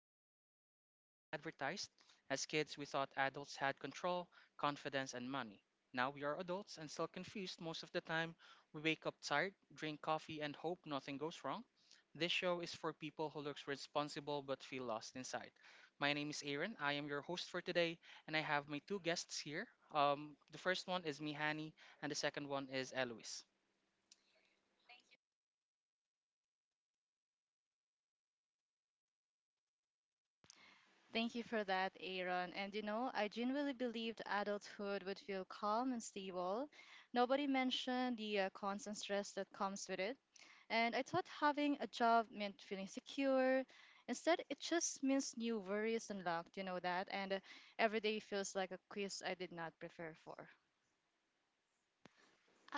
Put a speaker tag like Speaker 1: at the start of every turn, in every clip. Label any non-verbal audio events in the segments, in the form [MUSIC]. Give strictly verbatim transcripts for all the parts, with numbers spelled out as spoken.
Speaker 1: growing up was falsely advertised. As kids, we thought adults had control, confidence, and money. Now we are adults and still confused most of the time. We wake up tired, drink coffee, and hope nothing goes wrong. This show is for people who looks responsible but feel lost inside. My name is Aaron. I am your host for today, and I have my two guests here. Um, the first one is Mihani, and the second one is Eloise.
Speaker 2: Thank you for that, Aaron. And you know, I genuinely believed adulthood would feel calm and stable. Nobody mentioned the uh, constant stress that comes with it. And I thought having a job meant feeling secure. Instead, it just means new worries unlocked, you know that? And uh, every day feels like a quiz I did not prepare for.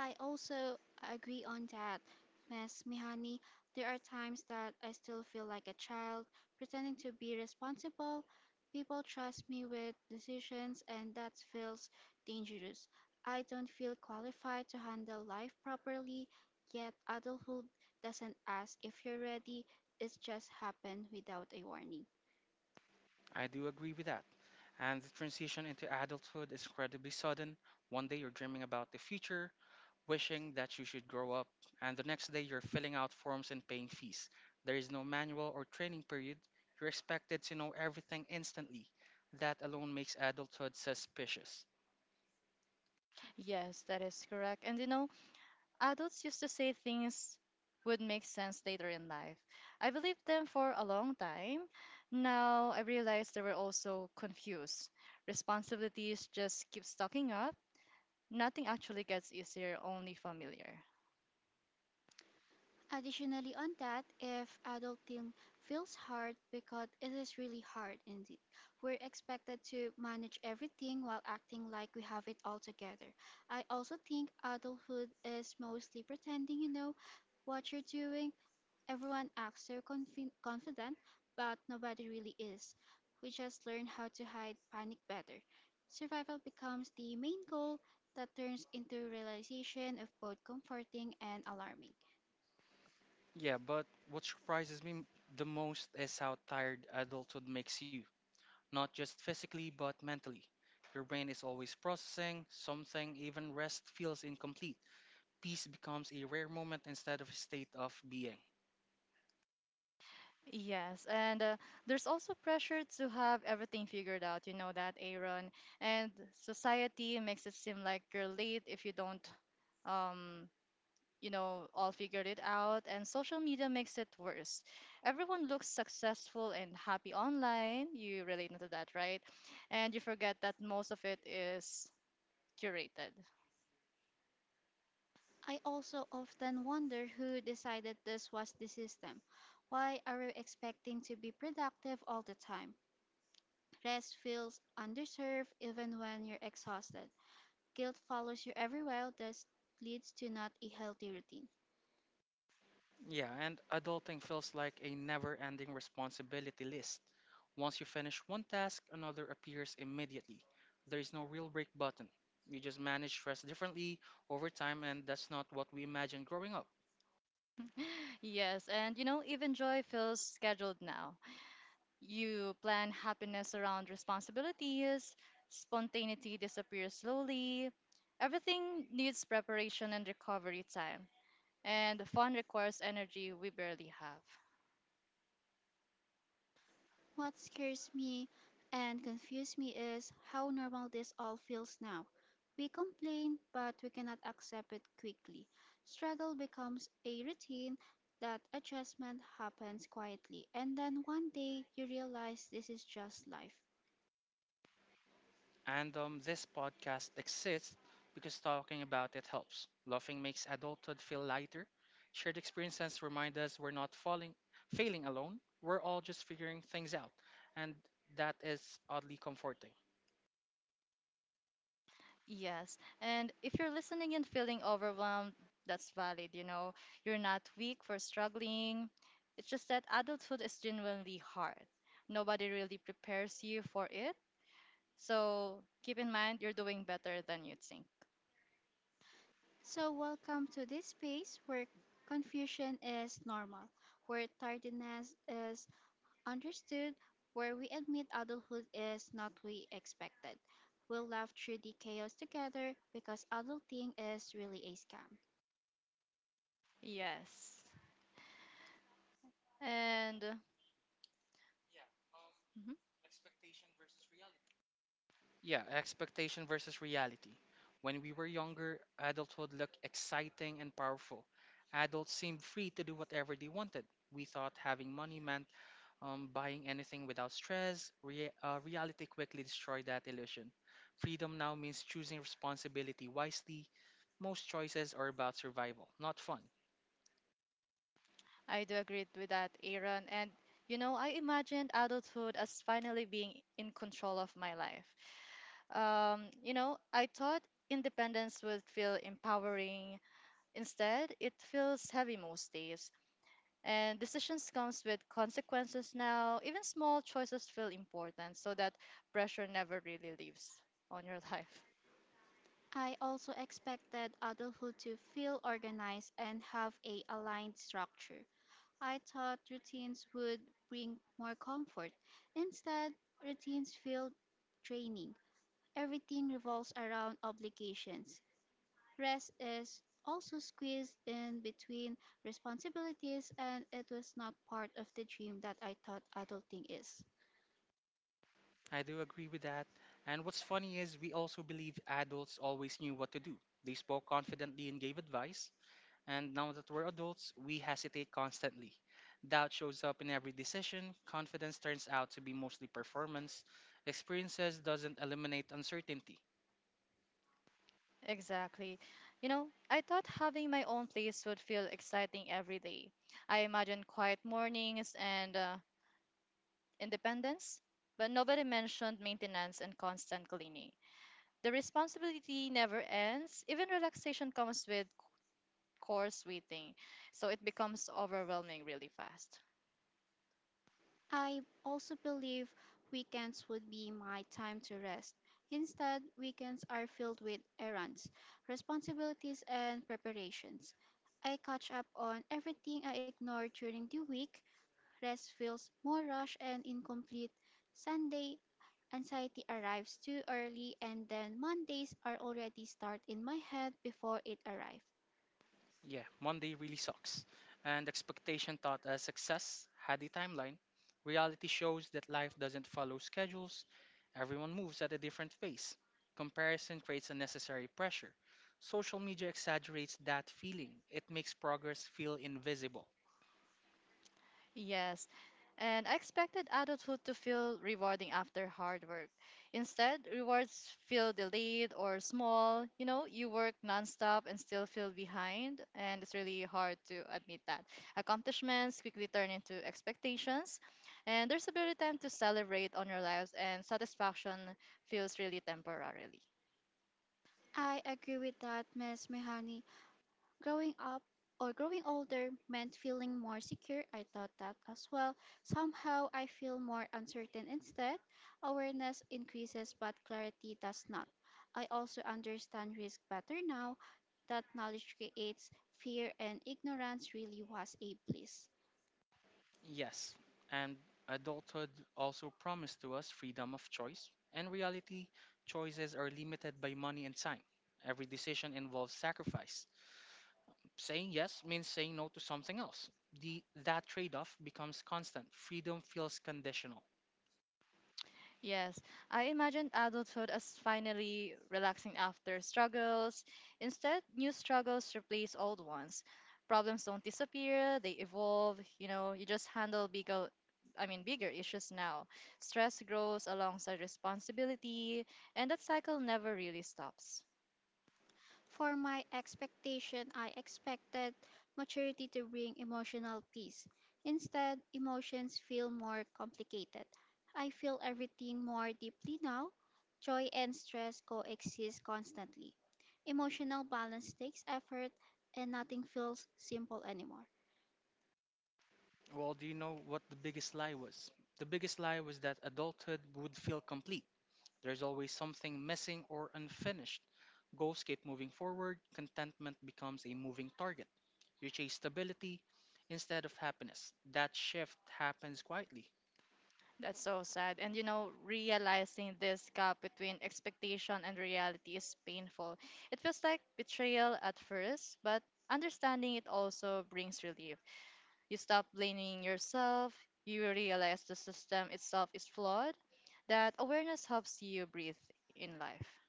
Speaker 3: I also agree on that, miss Mihani. There are times that I still feel like a child, pretending to be responsible. People trust me with decisions, and that feels dangerous. I don't feel qualified to handle life properly, yet adulthood doesn't ask if you're ready, it just happens without a warning.
Speaker 1: I do agree with that. And the transition into adulthood is incredibly sudden. One day you're dreaming about the future, wishing that you should grow up, and the next day you're filling out forms and paying fees. There is no manual or training period. You're expected to know everything instantly. That alone makes adulthood suspicious.
Speaker 2: Yes, that is correct. And you know, adults used to say things would make sense later in life. I believed them for a long time. Now I realize they were also confused. Responsibilities just keep stocking up. Nothing actually gets easier, only familiar.
Speaker 3: Additionally, on that, if adulting feels hard because it is really hard indeed, we're expected to manage everything while acting like we have it all together. I also think adulthood is mostly pretending you know what you're doing. Everyone acts so confi- confident, but nobody really is. We just learn how to hide panic better. Survival becomes the main goal that turns into realization of both comforting and alarming.
Speaker 1: Yeah, but what surprises me m- the most is how tired adulthood makes you, not just physically, but mentally. Your brain is always processing something, even rest feels incomplete. Peace becomes a rare moment instead of a state of being.
Speaker 2: Yes, and uh, there's also pressure to have everything figured out. You know that, Aaron. And society makes it seem like you're late if you don't um you know, all figured it out, and social media makes it worse. Everyone looks successful and happy online. You relate to that, right? And you forget that most of it is curated.
Speaker 3: I also often wonder who decided this was the system. Why are we expecting to be productive all the time? Rest feels underserved even when you're exhausted. Guilt follows you everywhere, that leads to not a healthy routine.
Speaker 1: Yeah, and adulting feels like a never ending responsibility list. Once you finish one task, another appears immediately. There is no real break button. You just manage stress differently over time, and that's not what we imagined growing up.
Speaker 2: [LAUGHS] Yes, and you know, even joy feels scheduled now. You plan happiness around responsibilities, spontaneity disappears slowly. Everything needs preparation and recovery time, and fun requires energy we barely have.
Speaker 3: What scares me and confuses me is how normal this all feels now. We complain, but we cannot accept it quickly. Struggle becomes a routine, that adjustment happens quietly, and then one day you realize this is just life.
Speaker 1: And um, this podcast exists because talking about it helps. Laughing makes adulthood feel lighter. Shared experiences remind us we're not falling, failing alone. We're all just figuring things out. And that is oddly comforting.
Speaker 2: Yes. And if you're listening and feeling overwhelmed, that's valid. You know, you're not weak for struggling. It's just that adulthood is genuinely hard. Nobody really prepares you for it. So keep in mind, you're doing better than you think.
Speaker 3: So, welcome to this space where confusion is normal, where tardiness is understood, where we admit adulthood is not we expected. We'll laugh through the chaos together because adulting is really a scam.
Speaker 2: Yes. And uh, mhm,
Speaker 1: Yeah, expectation versus reality. When we were younger, adulthood looked exciting and powerful. Adults seemed free to do whatever they wanted. We thought having money meant Um, buying anything without stress. Rea- uh, reality quickly destroyed that illusion. Freedom now means choosing responsibility wisely. Most choices are about survival, not fun.
Speaker 2: I do agree with that, Aaron. And, you know, I imagined adulthood as finally being in control of my life um, you know, I thought independence would feel empowering. Instead, it feels heavy most days, and decisions comes with consequences now. Even small choices feel important, so that pressure never really leaves on your [LAUGHS] life.
Speaker 3: I also expected adulthood to feel organized and have a aligned structure. I thought routines would bring more comfort. Instead, routines feel draining. Everything revolves around obligations, rest is also squeezed in between responsibilities, and it was not part of the dream that I thought adulting is.
Speaker 1: I do agree with that. And what's funny is we also believe adults always knew what to do. They spoke confidently and gave advice. And now that we're adults, we hesitate constantly. Doubt shows up in every decision. Confidence turns out to be mostly performance. Experiences doesn't eliminate uncertainty.
Speaker 2: Exactly. You know, I thought having my own place would feel exciting every day. I imagined quiet mornings and uh, independence, but nobody mentioned maintenance and constant cleaning. The responsibility never ends. Even relaxation comes with course waiting. So it becomes overwhelming really fast.
Speaker 3: I also believe weekends would be my time to rest. Instead, weekends are filled with errands, responsibilities, and preparations. I catch up on everything I ignored during the week. Rest feels more rushed and incomplete. Sunday anxiety arrives too early and then Mondays are already start in my head before it arrived.
Speaker 1: Yeah, Monday really sucks. And expectation taught us success had a timeline. Reality shows that life doesn't follow schedules. Everyone moves at a different pace. Comparison creates unnecessary pressure. Social media exaggerates that feeling. It makes progress feel invisible.
Speaker 2: Yes. And I expected adulthood to feel rewarding after hard work. Instead, rewards feel delayed or small. You know, you work nonstop and still feel behind, and it's really hard to admit that. Accomplishments quickly turn into expectations, and there's a bit time to celebrate on your lives, and satisfaction feels really temporarily.
Speaker 3: I agree with that, miss Mehani. Growing up or growing older meant feeling more secure. I thought that as well. Somehow I feel more uncertain instead. Awareness increases but clarity does not. I also understand risk better now that knowledge creates fear and ignorance really was a bliss.
Speaker 1: Yes, and adulthood also promised to us freedom of choice. In reality, choices are limited by money and time. Every decision involves sacrifice. Saying yes means saying no to something else. The, that trade off becomes constant. Freedom feels conditional.
Speaker 2: Yes, I imagined adulthood as finally relaxing after struggles. Instead, new struggles replace old ones. Problems don't disappear, they evolve. You know, you just handle bigger, I mean, bigger issues now. Stress grows alongside responsibility, and that cycle never really stops.
Speaker 3: For my expectation, I expected maturity to bring emotional peace. Instead, emotions feel more complicated. I feel everything more deeply now. Joy and stress coexist constantly. Emotional balance takes effort, and nothing feels simple anymore.
Speaker 1: Well, do you know what the biggest lie was? The biggest lie was that adulthood would feel complete. There's always something missing or unfinished. Goals keep moving forward, contentment becomes a moving target. You chase stability instead of happiness. That shift happens quietly.
Speaker 2: That's so sad. And you know, realizing this gap between expectation and reality is painful. It feels like betrayal at first, but understanding it also brings relief. You stop blaming yourself. You realize the system itself is flawed. That awareness helps you breathe in life.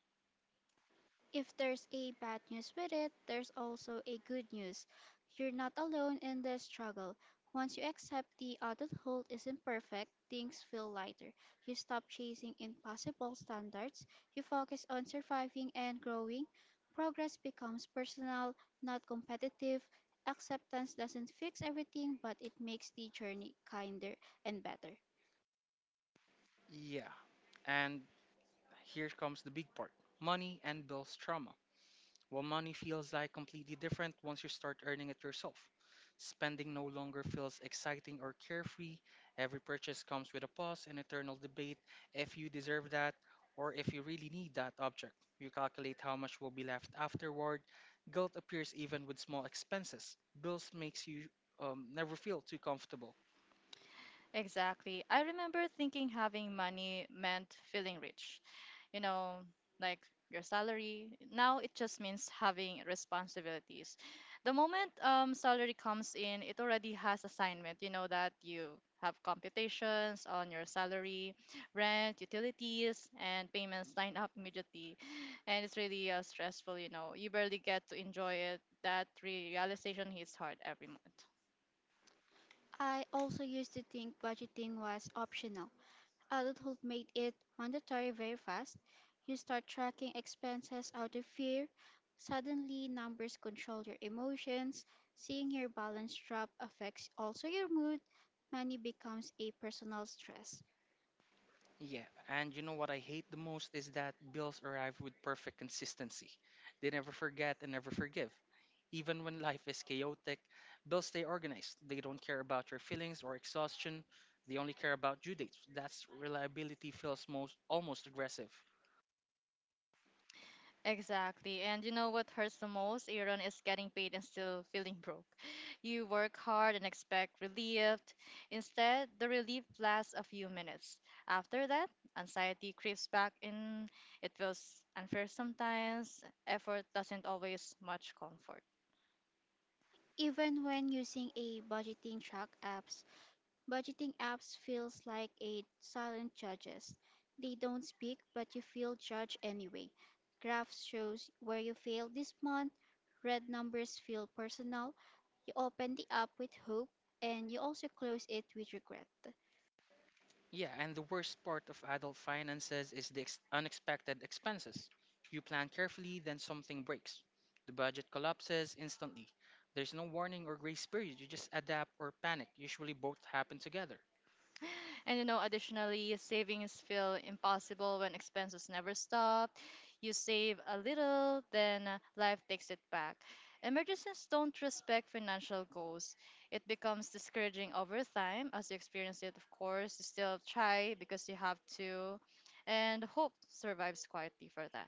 Speaker 3: If there's a bad news with it, there's also a good news. You're not alone in the struggle. Once you accept the adulthood isn't perfect, things feel lighter. You stop chasing impossible standards. You focus on surviving and growing. Progress becomes personal, not competitive. Acceptance doesn't fix everything, but it makes the journey kinder and better.
Speaker 1: Yeah. And here comes the big part, money and bills trauma. While money feels like completely different once you start earning it yourself. Spending no longer feels exciting or carefree. Every purchase comes with a pause and eternal debate if you deserve that or if you really need that object. You calculate how much will be left afterward. Guilt appears even with small expenses. Bills makes you um, never feel too comfortable.
Speaker 2: Exactly. I remember thinking having money meant feeling rich. You know, like your salary. Now it just means having responsibilities. The moment um, salary comes in, it already has assignment. You know that you have computations on your salary, rent, utilities, and payments line up immediately. And it's really uh, stressful, you know. You barely get to enjoy it. That realization hits hard every month.
Speaker 3: I also used to think budgeting was optional. Adulthood made it mandatory very fast. You start tracking expenses out of fear. Suddenly, numbers control your emotions. Seeing your balance drop affects also your mood. Money becomes a personal stress.
Speaker 1: Yeah, and you know what I hate the most is that bills arrive with perfect consistency. They never forget and never forgive. Even when life is chaotic, bills stay organized. They don't care about your feelings or exhaustion. They only care about due dates. That's reliability feels most almost aggressive.
Speaker 2: Exactly. And you know what hurts the most, Aaron, is getting paid and still feeling broke. You work hard and expect relief. Instead, the relief lasts a few minutes. After that, anxiety creeps back in. It feels unfair sometimes. Effort doesn't always much comfort.
Speaker 3: Even when using a budgeting track apps, budgeting apps feels like a silent judges. They don't speak, but you feel judged anyway. Graphs shows where you failed this month. Red numbers feel personal open the app with hope and you also close it with regret.
Speaker 1: Yeah, and the worst part of adult finances is the ex- unexpected expenses. You plan carefully, then something breaks. The budget collapses instantly. There's no warning or grace period. You just adapt or panic. Usually both happen together.
Speaker 2: And you know, additionally, savings feel impossible when expenses never stop. You save a little, then uh, life takes it back. Emergencies don't respect financial goals. It becomes discouraging over time as you experience it, of course. You still try because you have to, and hope survives quietly for that.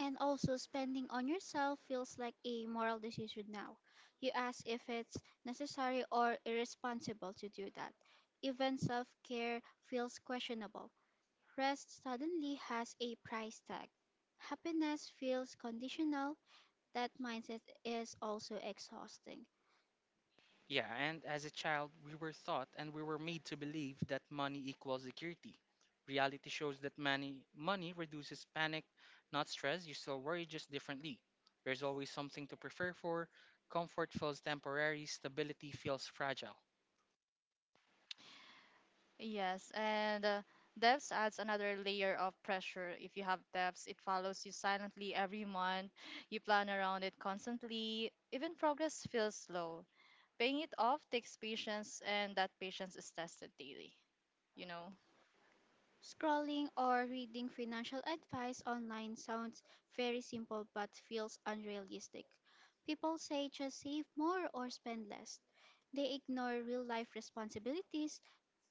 Speaker 3: And also, spending on yourself feels like a moral decision now. You ask if it's necessary or irresponsible to do that. Even self care feels questionable. Rest suddenly has a price tag. Happiness feels conditional. That mindset is also exhausting.
Speaker 1: Yeah, and as a child, we were taught and we were made to believe that money equals security. Reality shows that money money reduces panic, not stress. You still worry just differently. There's always something to prefer for. Comfort feels temporary, stability feels fragile.
Speaker 2: Yes, and uh, devs adds another layer of pressure. If you have devs, it follows you silently every month. You plan around it constantly. Even progress feels slow. Paying it off takes patience, and that patience is tested daily, you know?
Speaker 3: Scrolling or reading financial advice online sounds very simple but feels unrealistic. People say just save more or spend less. They ignore real life responsibilities.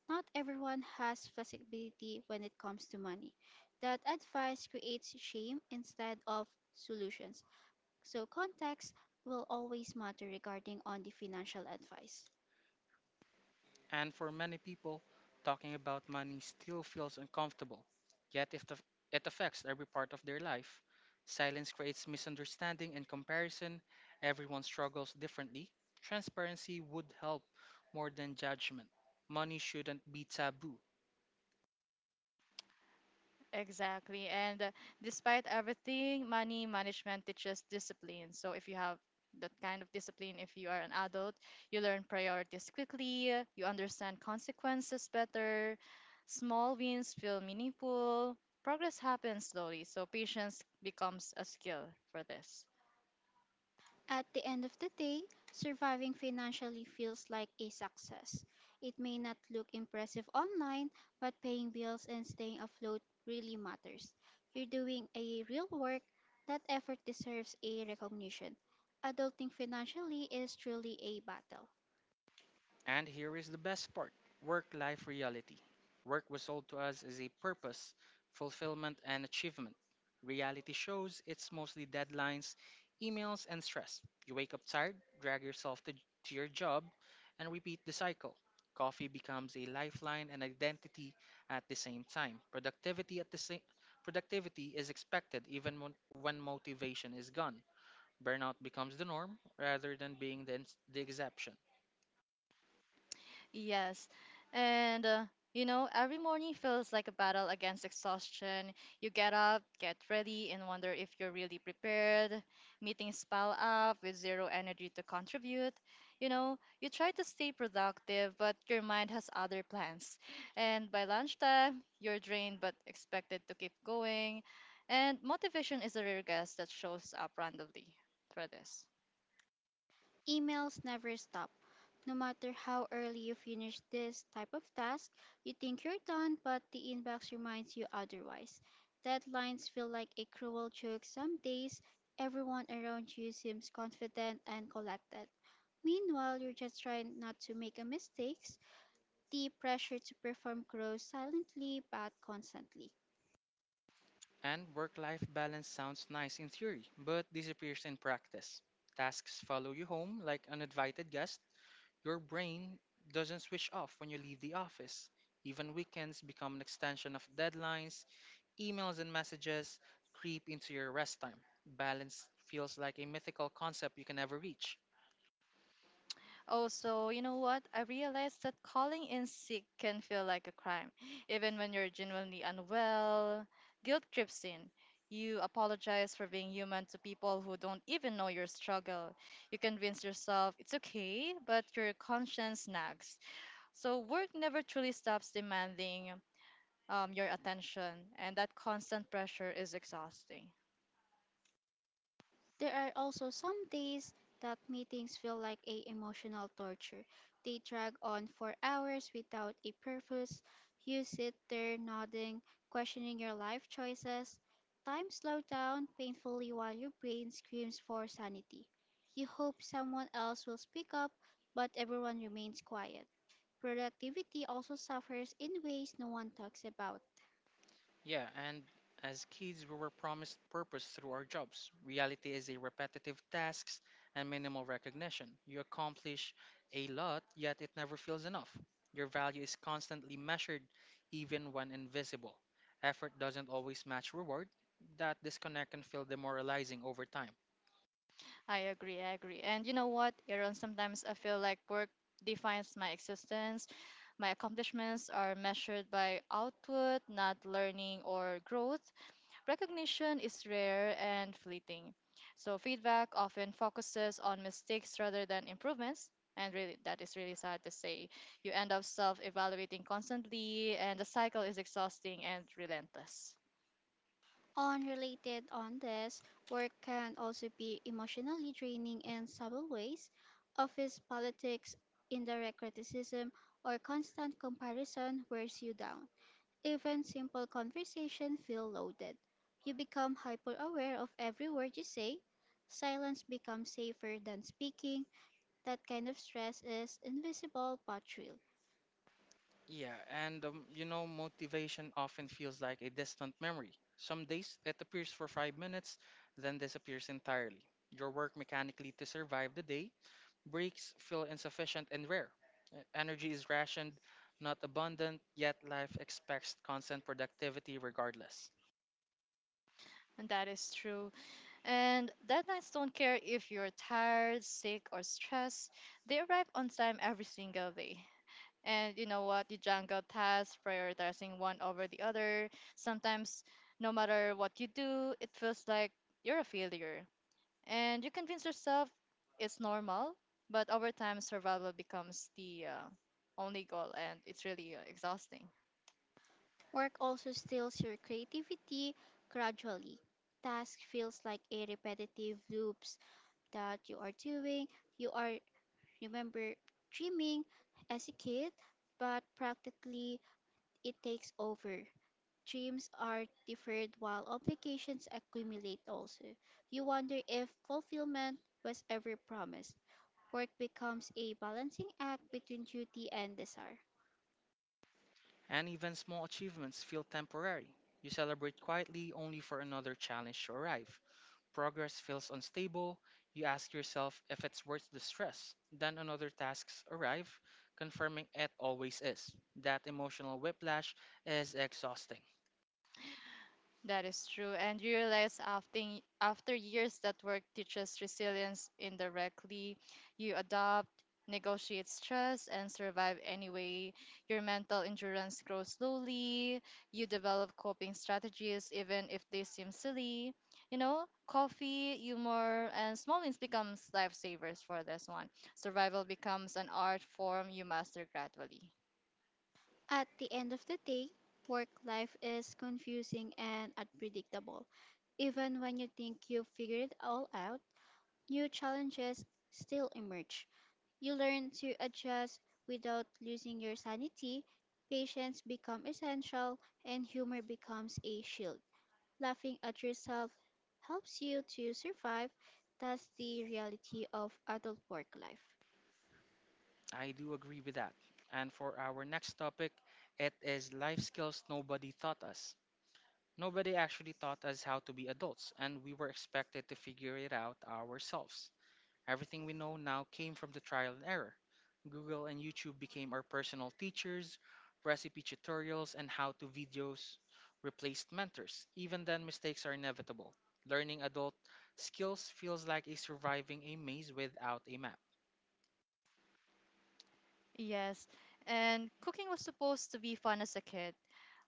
Speaker 3: Not everyone has flexibility when it comes to money. That advice creates shame instead of solutions. So, context will always matter regarding on the financial advice.
Speaker 1: And for many people, talking about money still feels uncomfortable. Yet, if the, it affects every part of their life, silence creates misunderstanding and comparison. Everyone struggles differently. Transparency would help more than judgment. Money shouldn't be taboo.
Speaker 2: Exactly. And uh, despite everything, money management teaches discipline. So if you have that kind of discipline, if you are an adult, you learn priorities quickly, you understand consequences better, small wins feel meaningful, progress happens slowly. So patience becomes a skill for this.
Speaker 3: At the end of the day, surviving financially feels like a success. It may not look impressive online, but paying bills and staying afloat really matters. You're doing a real work, that effort deserves a recognition. Adulting financially is truly a battle.
Speaker 1: And here is the best part, work life reality. Work was sold to us as a purpose, fulfillment, and achievement. Reality shows it's mostly deadlines, emails, and stress. You wake up tired, drag yourself to, to your job, and repeat the cycle. Coffee becomes a lifeline and identity at the same time. Productivity at the same productivity is expected even when, when motivation is gone. Burnout becomes the norm rather than being the, ins- the exception.
Speaker 2: Yes. And, uh, you know, every morning feels like a battle against exhaustion. You get up, get ready, and wonder if you're really prepared. Meetings pile up with zero energy to contribute. You know, you try to stay productive, but your mind has other plans. And by lunchtime, you're drained but expected to keep going. And motivation is a rare guest that shows up randomly for this.
Speaker 3: Emails never stop. No matter how early you finish this type of task, you think you're done, but the inbox reminds you otherwise. Deadlines feel like a cruel joke some days. Everyone around you seems confident and collected. Meanwhile, you're just trying not to make a mistakes. The pressure to perform grows silently but constantly.
Speaker 1: And work life balance sounds nice in theory, but disappears in practice. Tasks follow you home like uninvited guests. Your brain doesn't switch off when you leave the office. Even weekends become an extension of deadlines, emails and messages creep into your rest time. Balance feels like a mythical concept you can never reach.
Speaker 2: Also, you know what? I realized that calling in sick can feel like a crime. [GASPS] Even when you're genuinely unwell, guilt creeps in. You apologize for being human to people who don't even know your struggle. You convince yourself it's okay, but your conscience nags. So, work never truly stops demanding um, your attention, and that constant pressure is exhausting.
Speaker 3: There are also some days that meetings feel like a emotional torture. They drag on for hours without a purpose. You sit there nodding, questioning your life choices. Time slows down painfully while your brain screams for sanity. You hope someone else will speak up, but everyone remains quiet. Productivity also suffers in ways no one talks about.
Speaker 1: Yeah, and as kids, we were promised purpose through our jobs. Reality is a repetitive tasks and minimal recognition. You accomplish a lot, yet it never feels enough. Your value is constantly measured, even when invisible. Effort doesn't always match reward. That disconnect can feel demoralizing over time.
Speaker 2: I agree, I agree. And you know what, Aaron, sometimes I feel like work defines my existence. My accomplishments are measured by output, not learning or growth. Recognition is rare and fleeting. So feedback often focuses on mistakes rather than improvements. And really, that is really sad to say. You end up self evaluating constantly, and the cycle is exhausting and relentless.
Speaker 3: Unrelated on this, work can also be emotionally draining in subtle ways. Office politics, indirect criticism, or constant comparison wears you down. Even simple conversation feel loaded. You become hyper aware of every word you say. Silence becomes safer than speaking. That kind of stress is invisible but real.
Speaker 1: Yeah, and um, you know, motivation often feels like a distant memory. Some days it appears for five minutes, then disappears entirely. Your work mechanically to survive the day. Breaks feel insufficient and rare. E- Energy is rationed, not abundant, yet life expects constant productivity regardless.
Speaker 2: And that is true. And deadlines don't care if you're tired, sick, or stressed. They arrive on time every single day. And you know what? You jungle tasks, prioritizing one over the other. Sometimes, no matter what you do, it feels like you're a failure. And you convince yourself it's normal, but over time, survival becomes the uh, only goal, and it's really uh, exhausting.
Speaker 3: Work also steals your creativity gradually task feels like a repetitive loop that you are doing. You are, remember, dreaming as a kid, but practically it takes over. Dreams are deferred while obligations accumulate also. You wonder if fulfillment was ever promised. Work becomes a balancing act between duty and desire.
Speaker 1: And even small achievements feel temporary. You celebrate quietly only for another challenge to arrive. Progress feels unstable. You ask yourself if it's worth the stress. Then another tasks arrive, confirming it always is. That emotional whiplash is exhausting.
Speaker 2: That is true. And you realize after, after years that work teaches resilience indirectly, you adapt, negotiate stress, and survive anyway. Your mental endurance grows slowly. You develop coping strategies, even if they seem silly. You know, coffee, humor, and small wins becomes lifesavers for this one. Survival becomes an art form you master gradually.
Speaker 3: At the end of the day, work life is confusing and unpredictable. Even when you think you've figured it all out, new challenges still emerge. You learn to adjust without losing your sanity. Patience becomes essential, and humor becomes a shield. Laughing at yourself helps you to survive. That's the reality of adult work life.
Speaker 1: I do agree with that. And for our next topic, it is life skills nobody taught us. Nobody actually taught us how to be adults, and we were expected to figure it out ourselves. Everything we know now came from the trial and error. Google and YouTube became our personal teachers, recipe tutorials, and how to videos replaced mentors. Even then, mistakes are inevitable. Learning adult skills feels like a surviving a maze without a map.
Speaker 2: Yes, and cooking was supposed to be fun as a kid.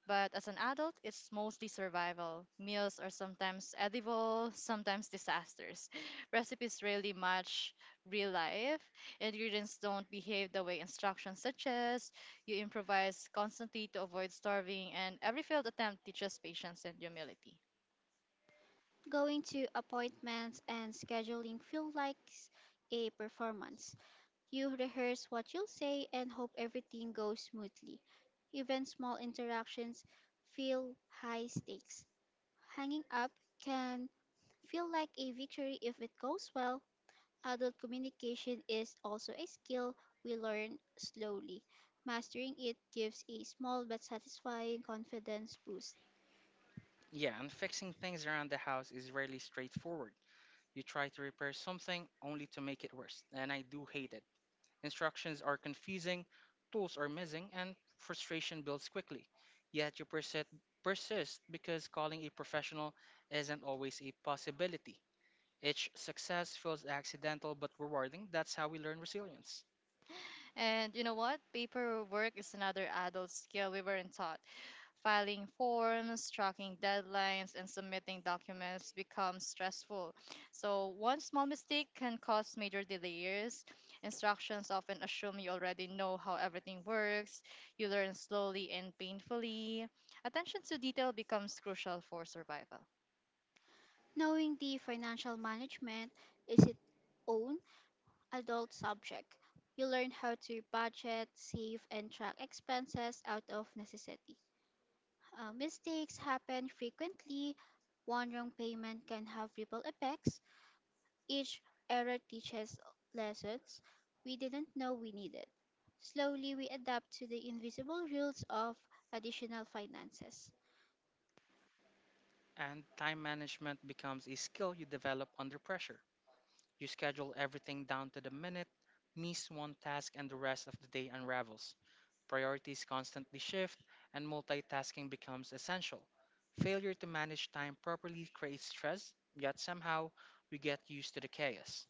Speaker 2: But as an adult, it's mostly survival. Meals are sometimes edible, sometimes disasters. [LAUGHS] Recipes rarely match real life. Ingredients don't behave the way instructions suggest. You improvise constantly to avoid starving, and every failed attempt teaches patience and humility.
Speaker 3: Going to appointments and scheduling feel like a performance. You rehearse what you'll say and hope everything goes smoothly. Even small interactions feel high stakes. Hanging up can feel like a victory if it goes well. Adult communication is also a skill we learn slowly. Mastering it gives a small but satisfying confidence boost.
Speaker 1: Yeah, and fixing things around the house is rarely straightforward. You try to repair something only to make it worse, and I do hate it. Instructions are confusing, tools are missing, and frustration builds quickly. Yet you persist, persist because calling a professional isn't always a possibility. Each success feels accidental but rewarding. That's how we learn resilience.
Speaker 2: And you know what? Paperwork is another adult skill we weren't taught. Filing forms, tracking deadlines, and submitting documents becomes stressful. So, one small mistake can cause major delays. Instructions often assume you already know how everything works. You learn slowly and painfully. Attention to detail becomes crucial for survival.
Speaker 3: Knowing the financial management is its own adult subject. You learn how to budget, save, and track expenses out of necessity. Uh, mistakes happen frequently. One wrong payment can have ripple effects. Each error teaches lessons we didn't know we needed. Slowly, we adapt to the invisible rules of additional finances.
Speaker 1: And time management becomes a skill you develop under pressure. You schedule everything down to the minute, miss one task, and the rest of the day unravels. Priorities constantly shift, and multitasking becomes essential. Failure to manage time properly creates stress, yet somehow we get used to the chaos.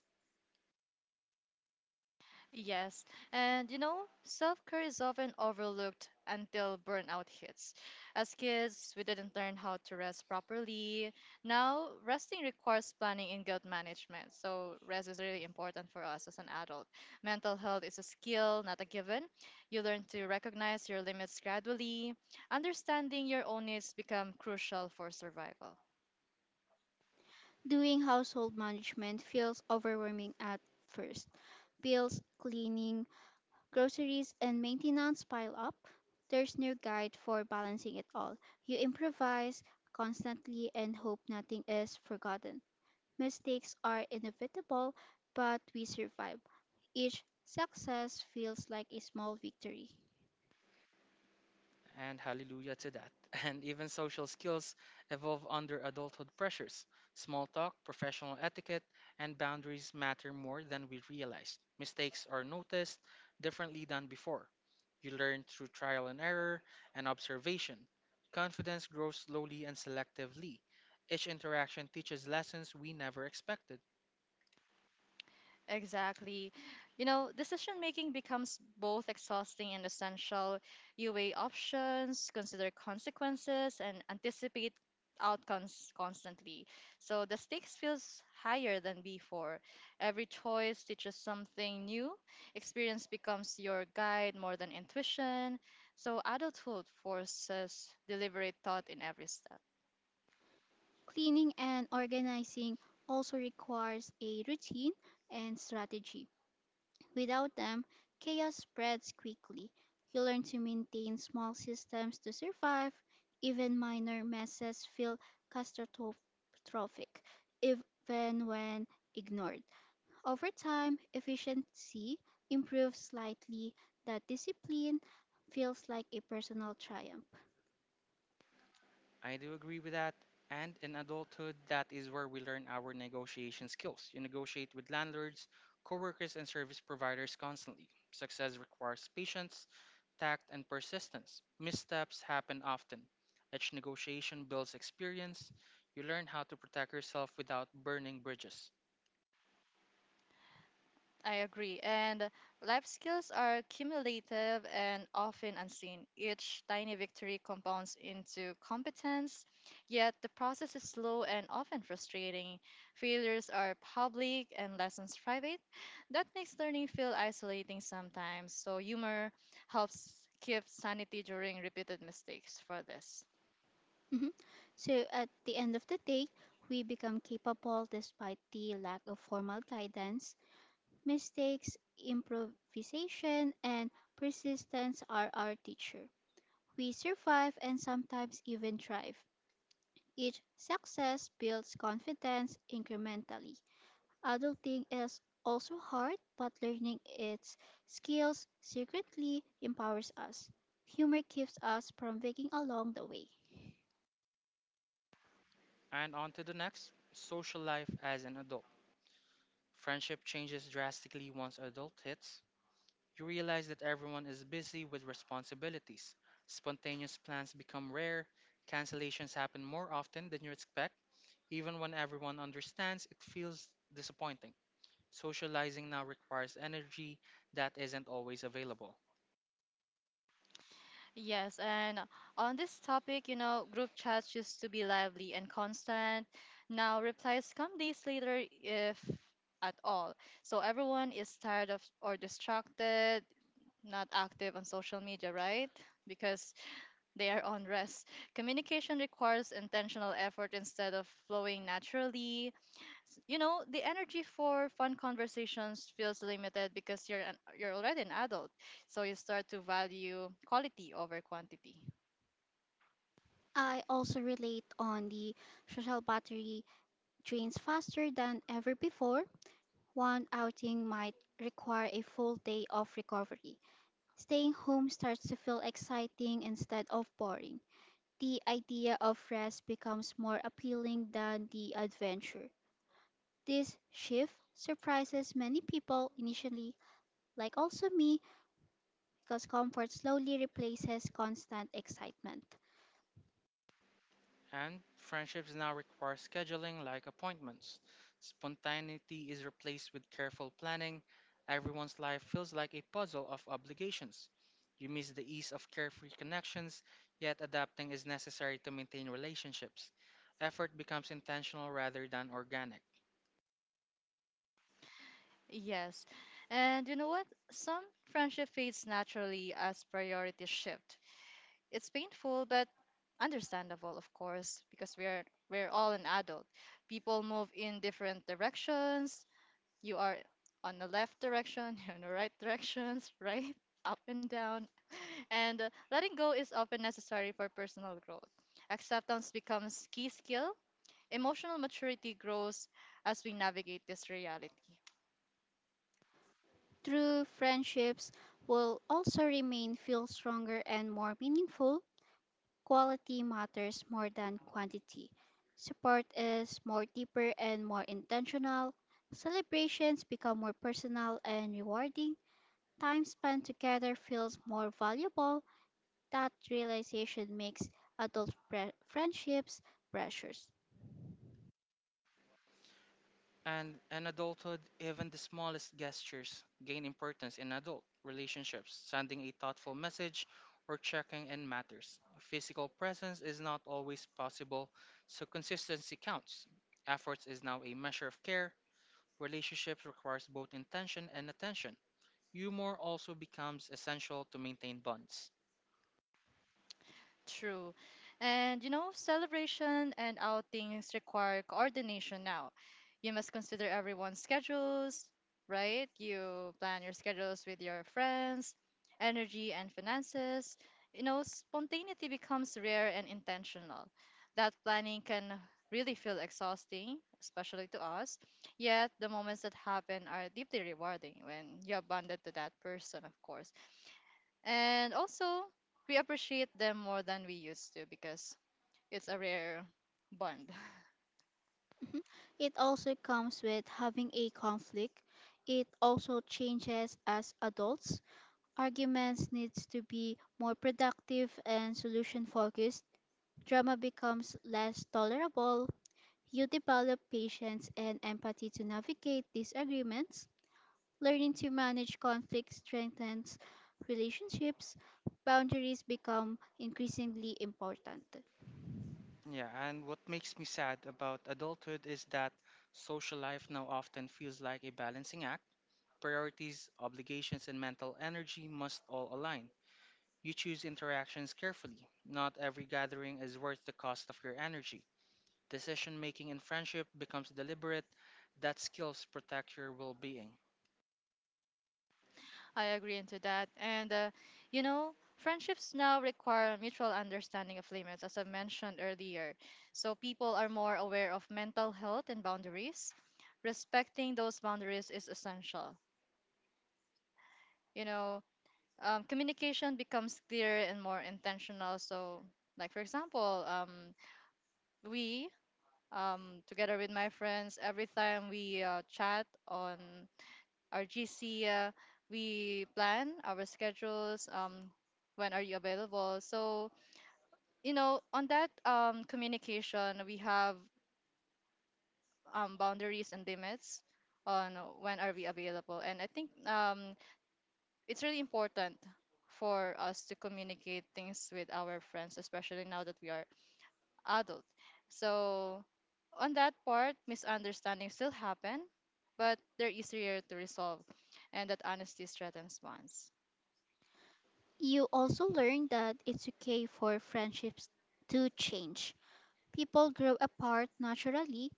Speaker 2: Yes, and you know, self care is often overlooked until burnout hits. As kids, we didn't learn how to rest properly. Now, resting requires planning and guilt management, so rest is really important for us as an adult. Mental health is a skill, not a given. You learn to recognize your limits gradually. Understanding your own needs become crucial for survival.
Speaker 3: Doing household management feels overwhelming at first. Bills, cleaning, groceries, and maintenance pile up. There's no guide for balancing it all. You improvise constantly and hope nothing is forgotten. Mistakes are inevitable, but we survive. Each success feels like a small victory.
Speaker 1: And hallelujah to that. [LAUGHS] And even social skills evolve under adulthood pressures. Small talk, professional etiquette, and boundaries matter more than we realize. Mistakes are noticed differently than before. You learn through trial and error and observation. Confidence grows slowly and selectively. Each interaction teaches lessons we never expected.
Speaker 2: Exactly. You know, decision making becomes both exhausting and essential. You weigh options, consider consequences, and anticipate outcomes constantly. So the stakes feels higher than before. Every choice teaches something new. Experience becomes your guide more than intuition. So adulthood forces deliberate thought in every step.
Speaker 3: Cleaning and organizing also requires a routine and strategy. Without them, chaos spreads quickly. You learn to maintain small systems to survive. Even minor messes feel catastrophic, even when ignored. Over time, efficiency improves slightly. That discipline feels like a personal triumph.
Speaker 1: I do agree with that. And in adulthood, that is where we learn our negotiation skills. You negotiate with landlords, coworkers, and service providers constantly. Success requires patience, tact, and persistence. Missteps happen often. Each negotiation builds experience. You learn how to protect yourself without burning bridges.
Speaker 2: I agree. And life skills are cumulative and often unseen. Each tiny victory compounds into competence, yet the process is slow and often frustrating. Failures are public and lessons private. That makes learning feel isolating sometimes. So, humor helps keep sanity during repeated mistakes for this.
Speaker 3: Mhm. So, at the end of the day, we become capable despite the lack of formal guidance. Mistakes, improvisation, and persistence are our teacher. We survive and sometimes even thrive. Each success builds confidence incrementally. Adulting is also hard, but learning its skills secretly empowers us. Humor keeps us from waking along the way.
Speaker 1: And on to the next, social life as an adult. Friendship changes drastically once adult hits. You realize that everyone is busy with responsibilities. Spontaneous plans become rare, cancellations happen more often than you expect. Even when everyone understands, it feels disappointing. Socializing now requires energy that isn't always available.
Speaker 2: Yes, and on this topic, you know, group chats used to be lively and constant. Now replies come days later, if at all. So everyone is tired of or distracted, not active on social media, right? Because they are on rest. Communication requires intentional effort instead of flowing naturally. S- You know, the energy for fun conversations feels limited because you're an, you're already an adult. So you start to value quality over quantity.
Speaker 3: I also relate on the social battery drains faster than ever before. One outing might require a full day of recovery. Staying home starts to feel exciting instead of boring. The idea of rest becomes more appealing than the adventure. This shift surprises many people initially, like also me, because comfort slowly replaces constant excitement.
Speaker 1: And friendships now require scheduling like appointments. Spontaneity is replaced with careful planning. Everyone's life feels like a puzzle of obligations. You miss the ease of carefree connections, yet adapting is necessary to maintain relationships. Effort becomes intentional rather than organic.
Speaker 2: Yes. And you know what? Some friendship fades naturally as priorities shift. It's painful but understandable, of course, because we're we're all an adult. People move in different directions. You are on the left direction, [LAUGHS] you're in the right directions, [LAUGHS] right? Up and down. And uh, letting go is often necessary for personal growth. Acceptance becomes key skill. Emotional maturity grows as we navigate this reality.
Speaker 3: True friendships will also remain feel stronger and more meaningful. Quality matters more than quantity. Support is more deeper and more intentional. Celebrations become more personal and rewarding. Time spent together feels more valuable. That realization makes adult pre- friendships precious.
Speaker 1: And in adulthood, even the smallest gestures gain importance in adult relationships. Sending a thoughtful message or checking in matters. Physical presence is not always possible, so consistency counts. Efforts is now a measure of care. Relationships requires both intention and attention. Humor also becomes essential to maintain bonds.
Speaker 2: True. And you know, celebration and outings require coordination now. You must consider everyone's schedules, right? You plan your schedules with your friends, energy and finances. You know, spontaneity becomes rare and intentional. That planning can really feel exhausting, especially to us. Yet, the moments that happen are deeply rewarding when you're bonded to that person, of course. And also, we appreciate them more than we used to because it's a rare bond. [LAUGHS]
Speaker 3: Mhm. It also comes with having a conflict. It also changes as adults arguments needs to be more productive and solution focused, drama becomes less tolerable. You develop patience and empathy to navigate disagreements. Learning to manage conflict strengthens relationships. Boundaries become increasingly important.
Speaker 1: Yeah, and what makes me sad about adulthood is that social life now often feels like a balancing act, priorities, obligations, and mental energy must all align. You choose interactions carefully. Not every gathering is worth the cost of your energy. Decision making in friendship becomes deliberate. That skills protect your well being.
Speaker 2: I agree into that. And, uh, you know, friendships now require mutual understanding of limits, as I mentioned earlier. So people are more aware of mental health and boundaries. Respecting those boundaries is essential. You know, um, Communication becomes clearer and more intentional. So, like, for example, um, we um, together with my friends, every time we uh, chat on our G C, uh, we plan our schedules. Um, when are you available? So you know, on that um, communication, we have um, boundaries and limits on when are we available. And I think um, it's really important for us to communicate things with our friends, especially now that we are adult. So on that part, misunderstandings still happen, but they're easier to resolve, and that honesty strengthens bonds.
Speaker 3: You also learn that it's okay for friendships to change. People grow apart naturally.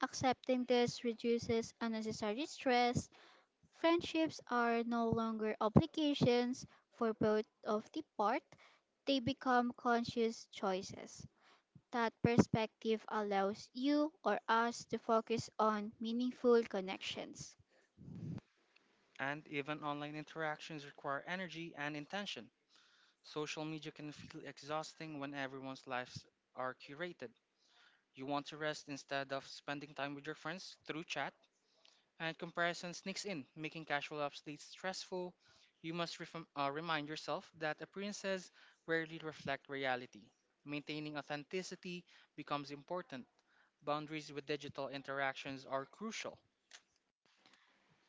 Speaker 3: Accepting this reduces unnecessary stress. Friendships are no longer obligations for both of the part, they become conscious choices. That perspective allows you or us to focus on meaningful connections.
Speaker 1: And even online interactions require energy and intention. Social media can feel exhausting when everyone's lives are curated. You want to rest instead of spending time with your friends through chat, and comparison sneaks in, making casual updates stressful. You must refom- uh, remind yourself that appearances rarely reflect reality. Maintaining authenticity becomes important. Boundaries with digital interactions are crucial.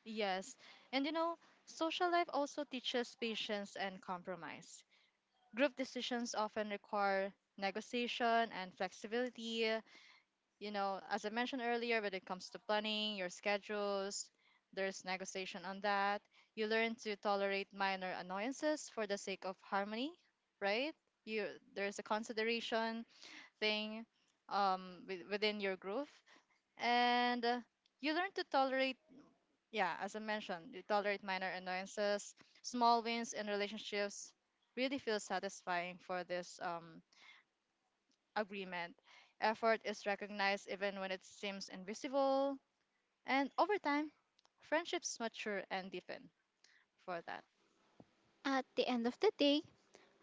Speaker 2: Yes, and you know, social life also teaches patience and compromise. Group decisions often require negotiation and flexibility, you know, as I mentioned earlier, when it comes to planning your schedules, there's negotiation on that. You learn to tolerate minor annoyances for the sake of harmony, right? You There's a consideration thing um, with, within your groove, and uh, you learn to tolerate. Yeah, as I mentioned, you tolerate minor annoyances, small wins in relationships. Really feel satisfying for this um, agreement effort is recognized even when it seems invisible, and over time, friendships mature and deepen for that.
Speaker 3: At the end of the day,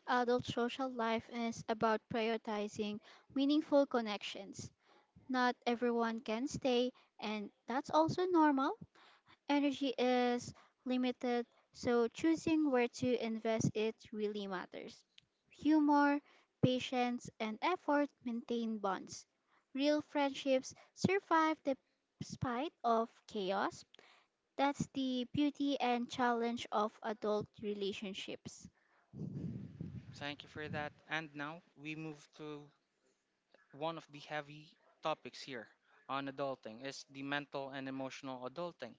Speaker 3: adult social life is about prioritizing meaningful connections. Not everyone can stay, and that's also normal. Energy is limited, so choosing where to invest it really matters. Humor, patience, and effort maintain bonds. Real friendships survive the spite of chaos. That's the beauty and challenge of adult relationships.
Speaker 1: Thank you for that. And now we move to one of the heavy topics here on adulting is the mental and emotional adulting.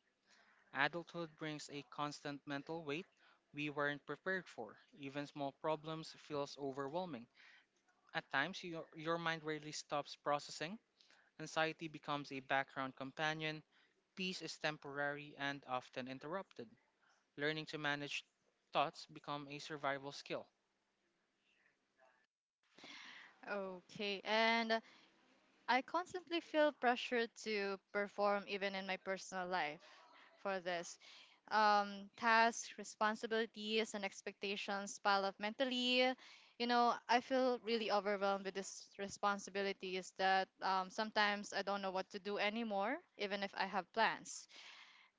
Speaker 1: Adulthood brings a constant mental weight we weren't prepared for. Even small problems feels overwhelming. At times, your, your mind rarely stops processing. Anxiety becomes a background companion. Peace is temporary and often interrupted. Learning to manage thoughts become a survival skill.
Speaker 2: Okay, and uh, I constantly feel pressure to perform even in my personal life for this. Um, tasks, responsibilities, and expectations pile up mentally. You know, I feel really overwhelmed with these responsibilities that um, sometimes I don't know what to do anymore, even if I have plans.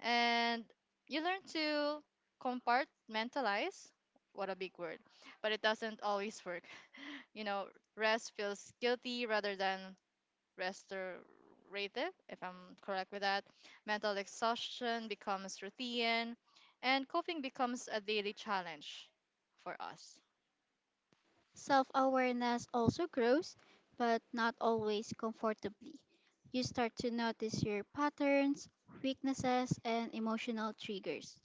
Speaker 2: And you learn to compartmentalize. What a big word, but it doesn't always work. You know, rest feels guilty rather than restorative, if I'm correct with that. Mental exhaustion becomes routine, and coping becomes a daily challenge for us.
Speaker 3: Self awareness also grows, but not always comfortably. You start to notice your patterns, weaknesses, and emotional triggers.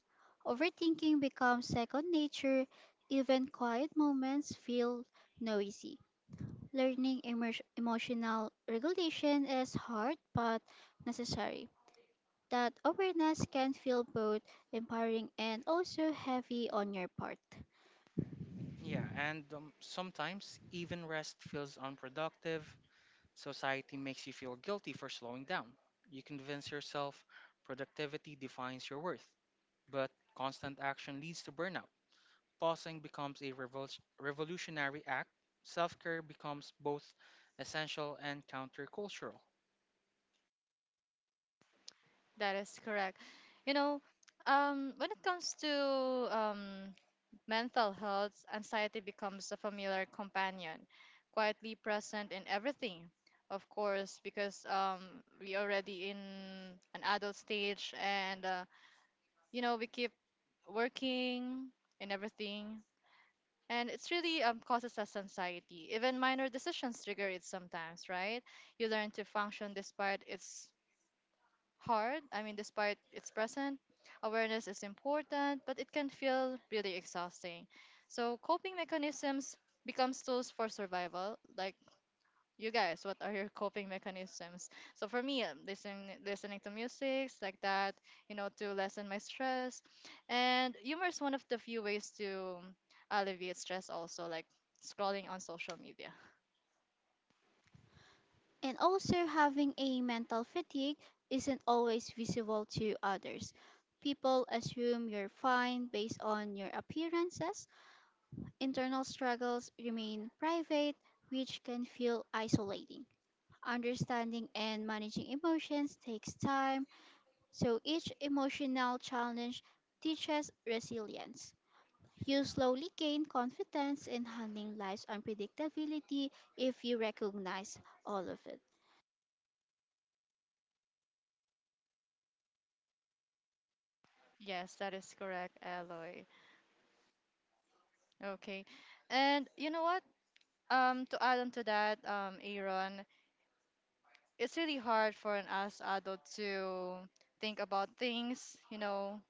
Speaker 3: Overthinking becomes second nature, even quiet moments feel noisy. Learning emer- emotional regulation is hard but necessary. That awareness can feel both empowering and also heavy on your part.
Speaker 1: Yeah, and um, sometimes even rest feels unproductive. Society makes you feel guilty for slowing down. You convince yourself productivity defines your worth, but constant action leads to burnout. Pausing becomes a revol- revolutionary act. Self care becomes both essential and countercultural.
Speaker 2: That is correct. You know, um, when it comes to um, mental health, anxiety becomes a familiar companion, quietly present in everything. Of course, because um, we already in an adult stage, and uh, you know we keep working and everything, and it's really um, causes us anxiety. Even minor decisions trigger it sometimes, right? You learn to function despite its hard. I mean, despite its present, awareness is important, but it can feel really exhausting. So, coping mechanisms becomes tools for survival. Like, you guys, what are your [LAUGHS] coping mechanisms? So for me, um, listening listening to music like that, you know, to lessen my stress. And humor is one of the few ways to um, alleviate stress also, like scrolling on social media.
Speaker 3: And also, having a mental fatigue isn't always visible to others. People assume you're fine based on your appearances. Internal struggles remain private, which can feel isolating. Understanding and managing emotions takes time, so each emotional challenge teaches resilience. You slowly gain confidence in handling life's unpredictability if you recognize all of it.
Speaker 2: Yes, that is correct, Aloy. Okay. And you know what? Um, to add on to that, um, Aaron, it's really hard for an as adult to think about things, you know,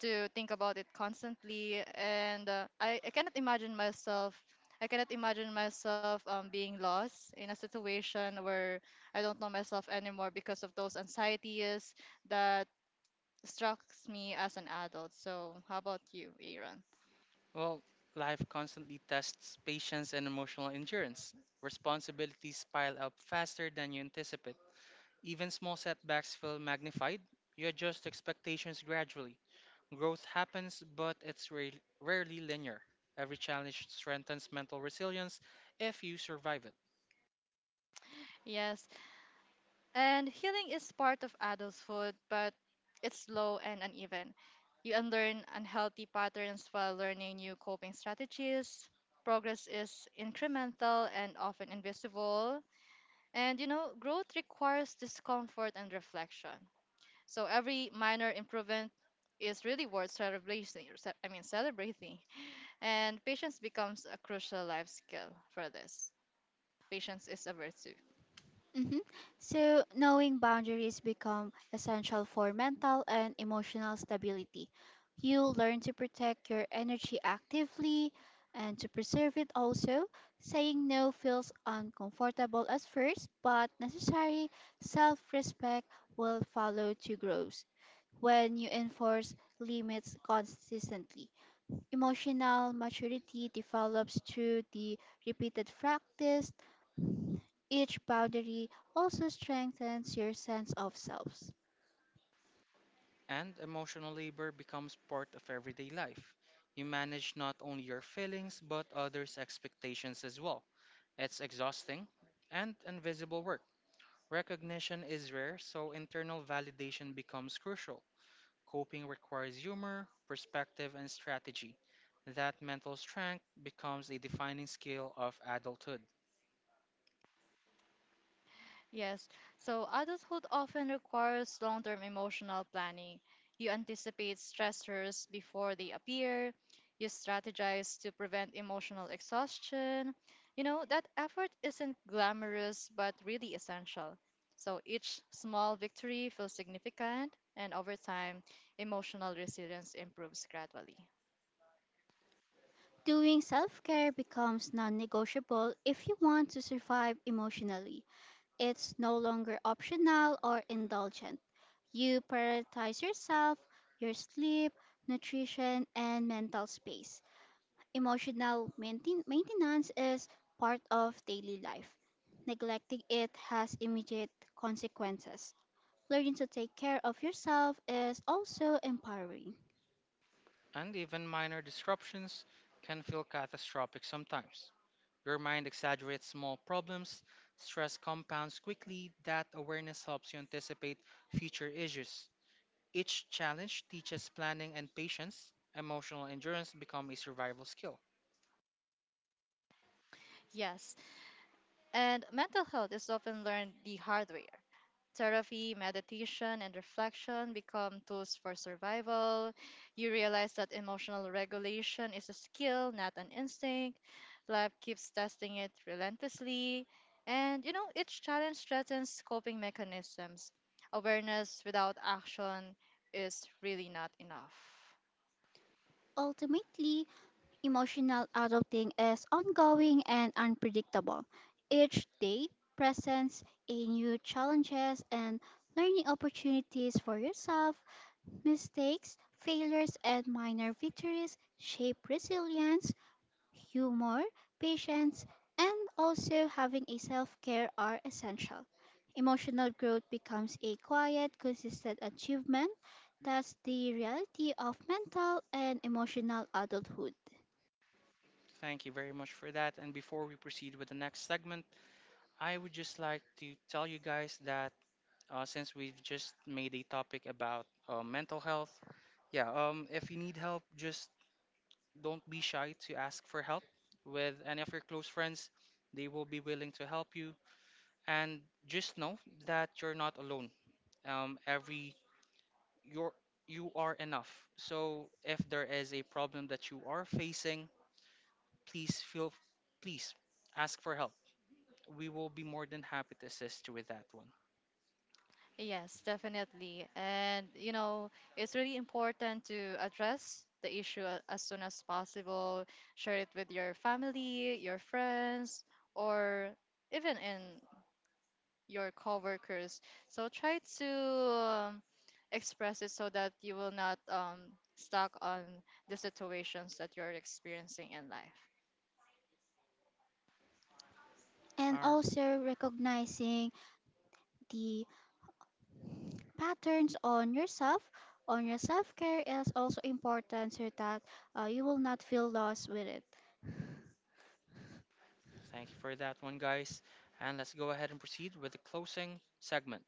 Speaker 2: to think about it constantly, and uh, I, I cannot imagine myself. I cannot imagine myself um, being lost in a situation where I don't know myself anymore because of those anxieties that strikes me as an adult. So, how about you, Aaron?
Speaker 1: Well, life constantly tests patience and emotional endurance. Responsibilities pile up faster than you anticipate. Even small setbacks feel magnified. You adjust expectations gradually. Growth happens, but it's rare- rarely linear. Every challenge strengthens mental resilience if you survive it.
Speaker 2: Yes. And healing is part of adulthood, but it's slow and uneven. You unlearn unhealthy patterns while learning new coping strategies. Progress is incremental and often invisible. And you know, growth requires discomfort and reflection. So every minor improvement is really worth celebrating. Ce- I mean, celebrating. And patience becomes a crucial life skill for this. Patience is a virtue.
Speaker 3: Hmm. So, knowing boundaries become essential for mental and emotional stability. You learn to protect your energy actively and to preserve it also. Saying no feels uncomfortable at first, but necessary self respect will follow to growth when you enforce limits consistently. Emotional maturity develops through the repeated practice each boundary also strengthens your sense of self.
Speaker 1: And emotional labor becomes part of everyday life. You manage not only your feelings but others' expectations as well. It's exhausting and invisible work. Recognition is rare, so internal validation becomes crucial. Coping requires humor, perspective, and strategy. That mental strength becomes a defining skill of adulthood,
Speaker 2: Yes, so adulthood often requires long term emotional planning. You anticipate stressors before they appear, you strategize to prevent emotional exhaustion. You know, that effort isn't glamorous but really essential. So each small victory feels significant, and over time, emotional resilience improves gradually.
Speaker 3: Doing self care becomes non negotiable if you want to survive emotionally. It's no longer optional or indulgent. You prioritize yourself, your sleep, nutrition, and mental space. Emotional maintain- maintenance is part of daily life. Neglecting it has immediate consequences. Learning to take care of yourself is also empowering.
Speaker 1: and even minor disruptions can feel catastrophic sometimes. Your mind exaggerates small problems, stress compounds quickly, that awareness helps you anticipate future issues. Each challenge teaches planning and patience. Emotional endurance become a survival skill.
Speaker 2: Yes, and mental health is often learned the hard way. Therapy, meditation, and reflection become tools for survival. You realize that emotional regulation is a skill, not an instinct. Life keeps testing it relentlessly. And you know, each challenge threatens coping mechanisms. Awareness without action is really not enough.
Speaker 3: Ultimately, emotional adulting is ongoing and unpredictable. Each day presents a new challenges and learning opportunities for yourself. Mistakes, failures, and minor victories shape resilience humor, patience, and also having a self care are essential. Emotional growth becomes a quiet, consistent achievement. That's the reality of mental and emotional adulthood.
Speaker 1: Thank you very much for that. And before we proceed with the next segment, I would just like to tell you guys that uh, since we've just made a topic about uh, mental health, yeah, um, if you need help, just don't be shy to ask for help with any of your close friends. They will be willing to help you. And just know that you're not alone. Um, every you're You are enough. So if there is a problem that you are facing, please feel please ask for help. We will be more than happy to assist you with that one.
Speaker 2: Yes, definitely. And, you know, it's really important to address the issue a- as soon as possible, share it with your family, your friends, or even in your coworkers. So try to um, express it so that you will not um, stuck on the situations that you're experiencing in life.
Speaker 3: And
Speaker 1: All right.
Speaker 3: also recognizing the patterns on yourself, on your self care is also important so that uh, you will not feel lost with it.
Speaker 1: Thank you for that one, guys. And let's go ahead and proceed with the closing segment.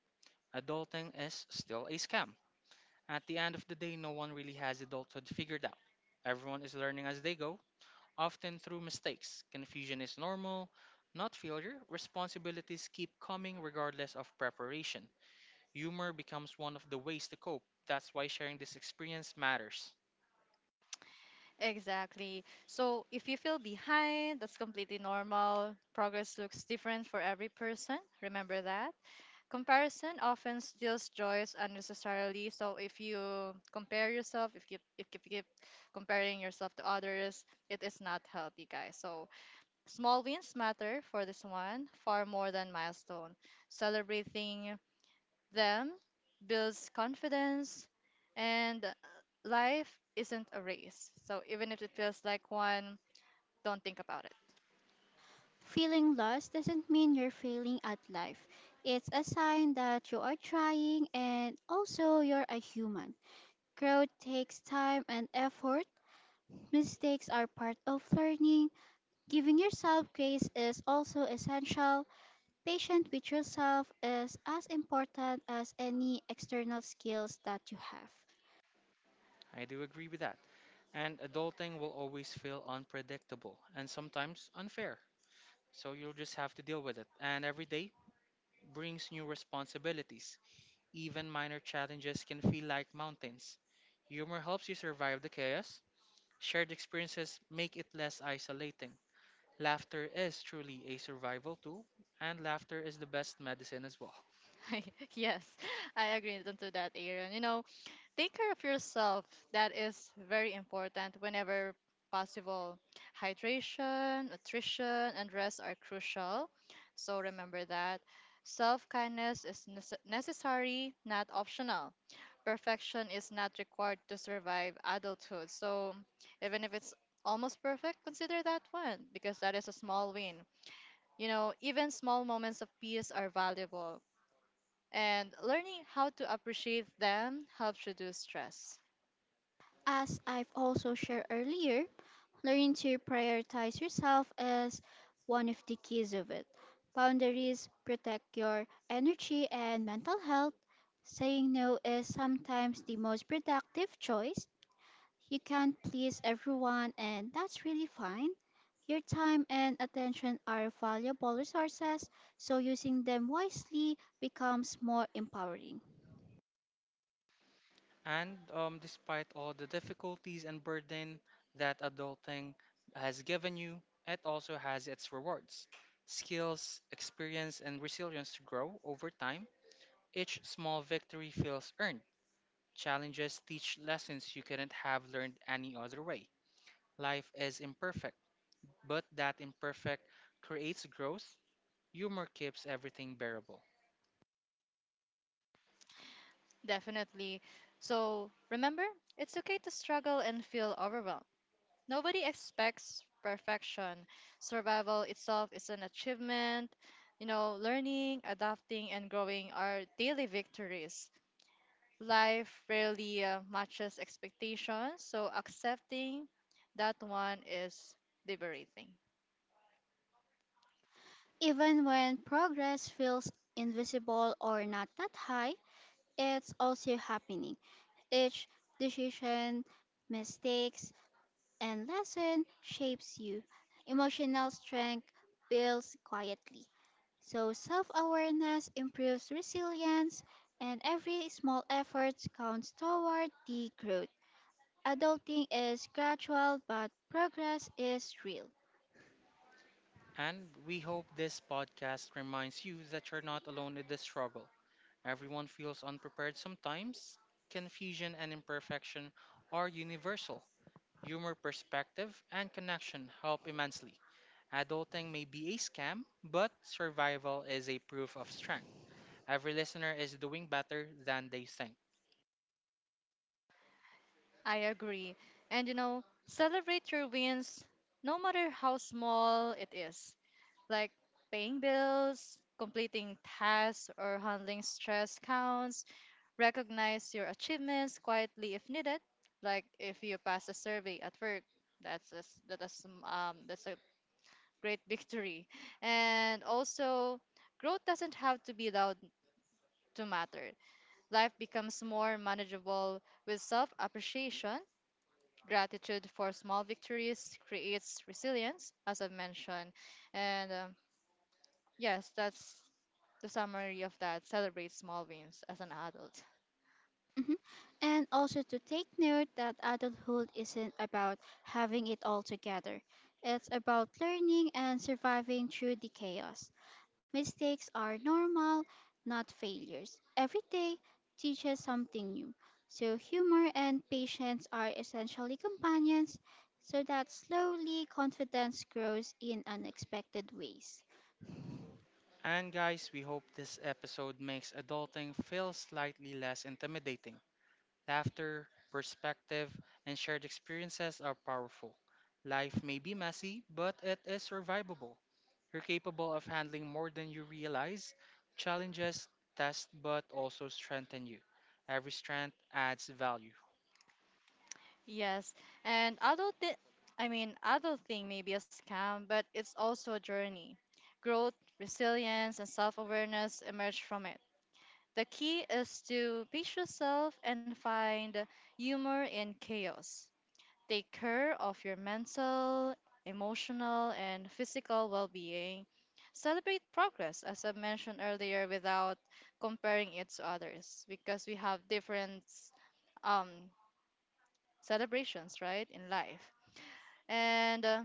Speaker 1: Adulting is still a scam. At the end of the day, no one really has adulthood figured out. Everyone is learning as they go, often through mistakes. Confusion is normal, not failure. Responsibilities keep coming regardless of preparation. Humor becomes one of the ways to cope. That's why sharing this experience matters.
Speaker 2: Exactly. So if you feel behind, that's completely normal. Progress looks different for every person. Remember that. Comparison often steals joys unnecessarily. So if you compare yourself, if you if you keep comparing yourself to others, it is not healthy, guys. So small wins matter for this one far more than milestone. Celebrating them builds confidence, and life isn't a race. So even if it feels like one, don't think about it.
Speaker 3: Feeling lost doesn't mean you're failing at life. It's a sign that you are trying and also you're a human. Growth takes time and effort. Mistakes are part of learning. Giving yourself grace is also essential. Patient with yourself is as important as any external skills that you have.
Speaker 1: I do agree with that. And adulting will always feel unpredictable and sometimes unfair. So you'll just have to deal with it. And every day brings new responsibilities. Even minor challenges can feel like mountains. Humor helps you survive the chaos. Shared experiences make it less isolating. Laughter is truly a survival tool, and laughter is the best medicine as well.
Speaker 2: [LAUGHS] Yes, I agree to that, Aaron. You know, take care of yourself. That is very important whenever possible. Hydration, nutrition, and rest are crucial. So remember that. Self kindness is nece- necessary, not optional. Perfection is not required to survive adulthood. So even if it's almost perfect, consider that one because that is a small win. You know, even small moments of peace are valuable. And learning how to appreciate them helps reduce stress.
Speaker 3: As I've also shared earlier, learning to prioritize yourself is one of the keys of it. Boundaries protect your energy and mental health. Saying no is sometimes the most productive choice. You can't please everyone, and that's really fine. Your time and attention are valuable resources, so using them wisely becomes more empowering.
Speaker 1: And um, despite all the difficulties and burden that adulting has given you, it also has its rewards. Skills, experience, and resilience grow over time. Each small victory feels earned. Challenges teach lessons you couldn't have learned any other way. Life is imperfect, but that imperfect creates growth. Humor keeps everything bearable.
Speaker 2: Definitely. So remember, it's okay to struggle and feel overwhelmed. Nobody expects perfection. Survival itself is an achievement. You know, learning, adapting, and growing are daily victories. Life rarely uh, matches expectations, so accepting that one is liberating.
Speaker 3: Even when progress feels invisible or not that high, it's also happening. Each decision, mistakes, and lesson shapes you. Emotional strength builds quietly. So, self awareness improves resilience, and every small effort counts toward the growth. Adulting is gradual, but progress is real.
Speaker 1: And we hope this podcast reminds you that you're not alone in this struggle. Everyone feels unprepared sometimes. Confusion and imperfection are universal. Humor, perspective, and connection help immensely. Adulting may be a scam, but survival is a proof of strength. Every listener is doing better than they think.
Speaker 2: I agree. And you know, celebrate your wins no matter how small it is, like paying bills, completing tasks, or handling stress counts. Recognize your achievements quietly if needed, like if you pass a survey at work. That's a, s- that is, um, um, That's a great [LAUGHS] victory. And also, growth doesn't have to be loud to matter. Life becomes more manageable with self appreciation. Gratitude for small victories creates resilience, as I've mentioned. And um, Yes, that's the summary of that. Celebrate small wins as an adult.
Speaker 3: Mhm. And also to take note that adulthood isn't about having it all together. It's about learning and surviving through the chaos. Mistakes are normal, not failures. Every day teaches something new. So humor and patience are essentially companions so that slowly confidence grows in unexpected ways.
Speaker 1: And guys, we hope this episode makes adulting feel slightly less intimidating. Laughter, perspective, and shared experiences are powerful. Life may be messy, but it is survivable. You're capable of handling more than you realize. Challenges test but also strengthen you. Every strength adds value.
Speaker 2: Yes, and adult, thi- I mean, adult thing may be a scam, but it's also a journey. Growth, resilience, and self awareness emerge from it. The key is to pace yourself and find humor in chaos. Take care of your mental, emotional, and physical well being. Celebrate progress, as I mentioned earlier, without comparing it to others because we have different um, celebrations, right, in life. And uh,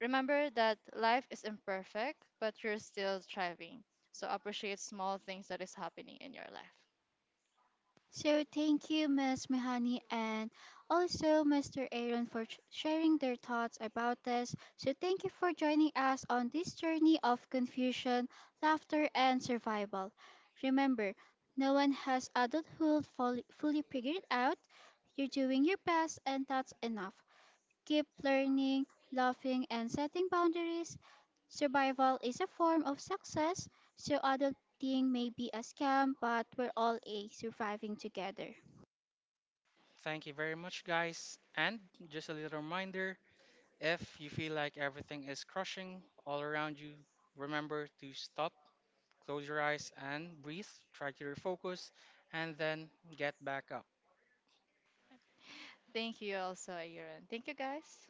Speaker 2: Remember that life is imperfect, but you're still thriving. So appreciate small things that is happening in your life.
Speaker 3: So thank you, Miss Mihani, and also mister Aaron for sh- sharing their thoughts about this. So thank you for joining us on this journey of confusion, laughter, and survival. Remember, no one has adulthood fully, fully figured out. You're doing your best, and that's enough. Keep learning, laughing, and setting boundaries. Survival is a form of success, so adulting may be a scam, but we're all a surviving together.
Speaker 1: Thank you very much, guys. And just a little reminder. If you feel like everything is crushing all around you, remember to stop, close your eyes, and breathe. Try to refocus and then get back up.
Speaker 2: Thank you also, Ayuran. Thank you, guys.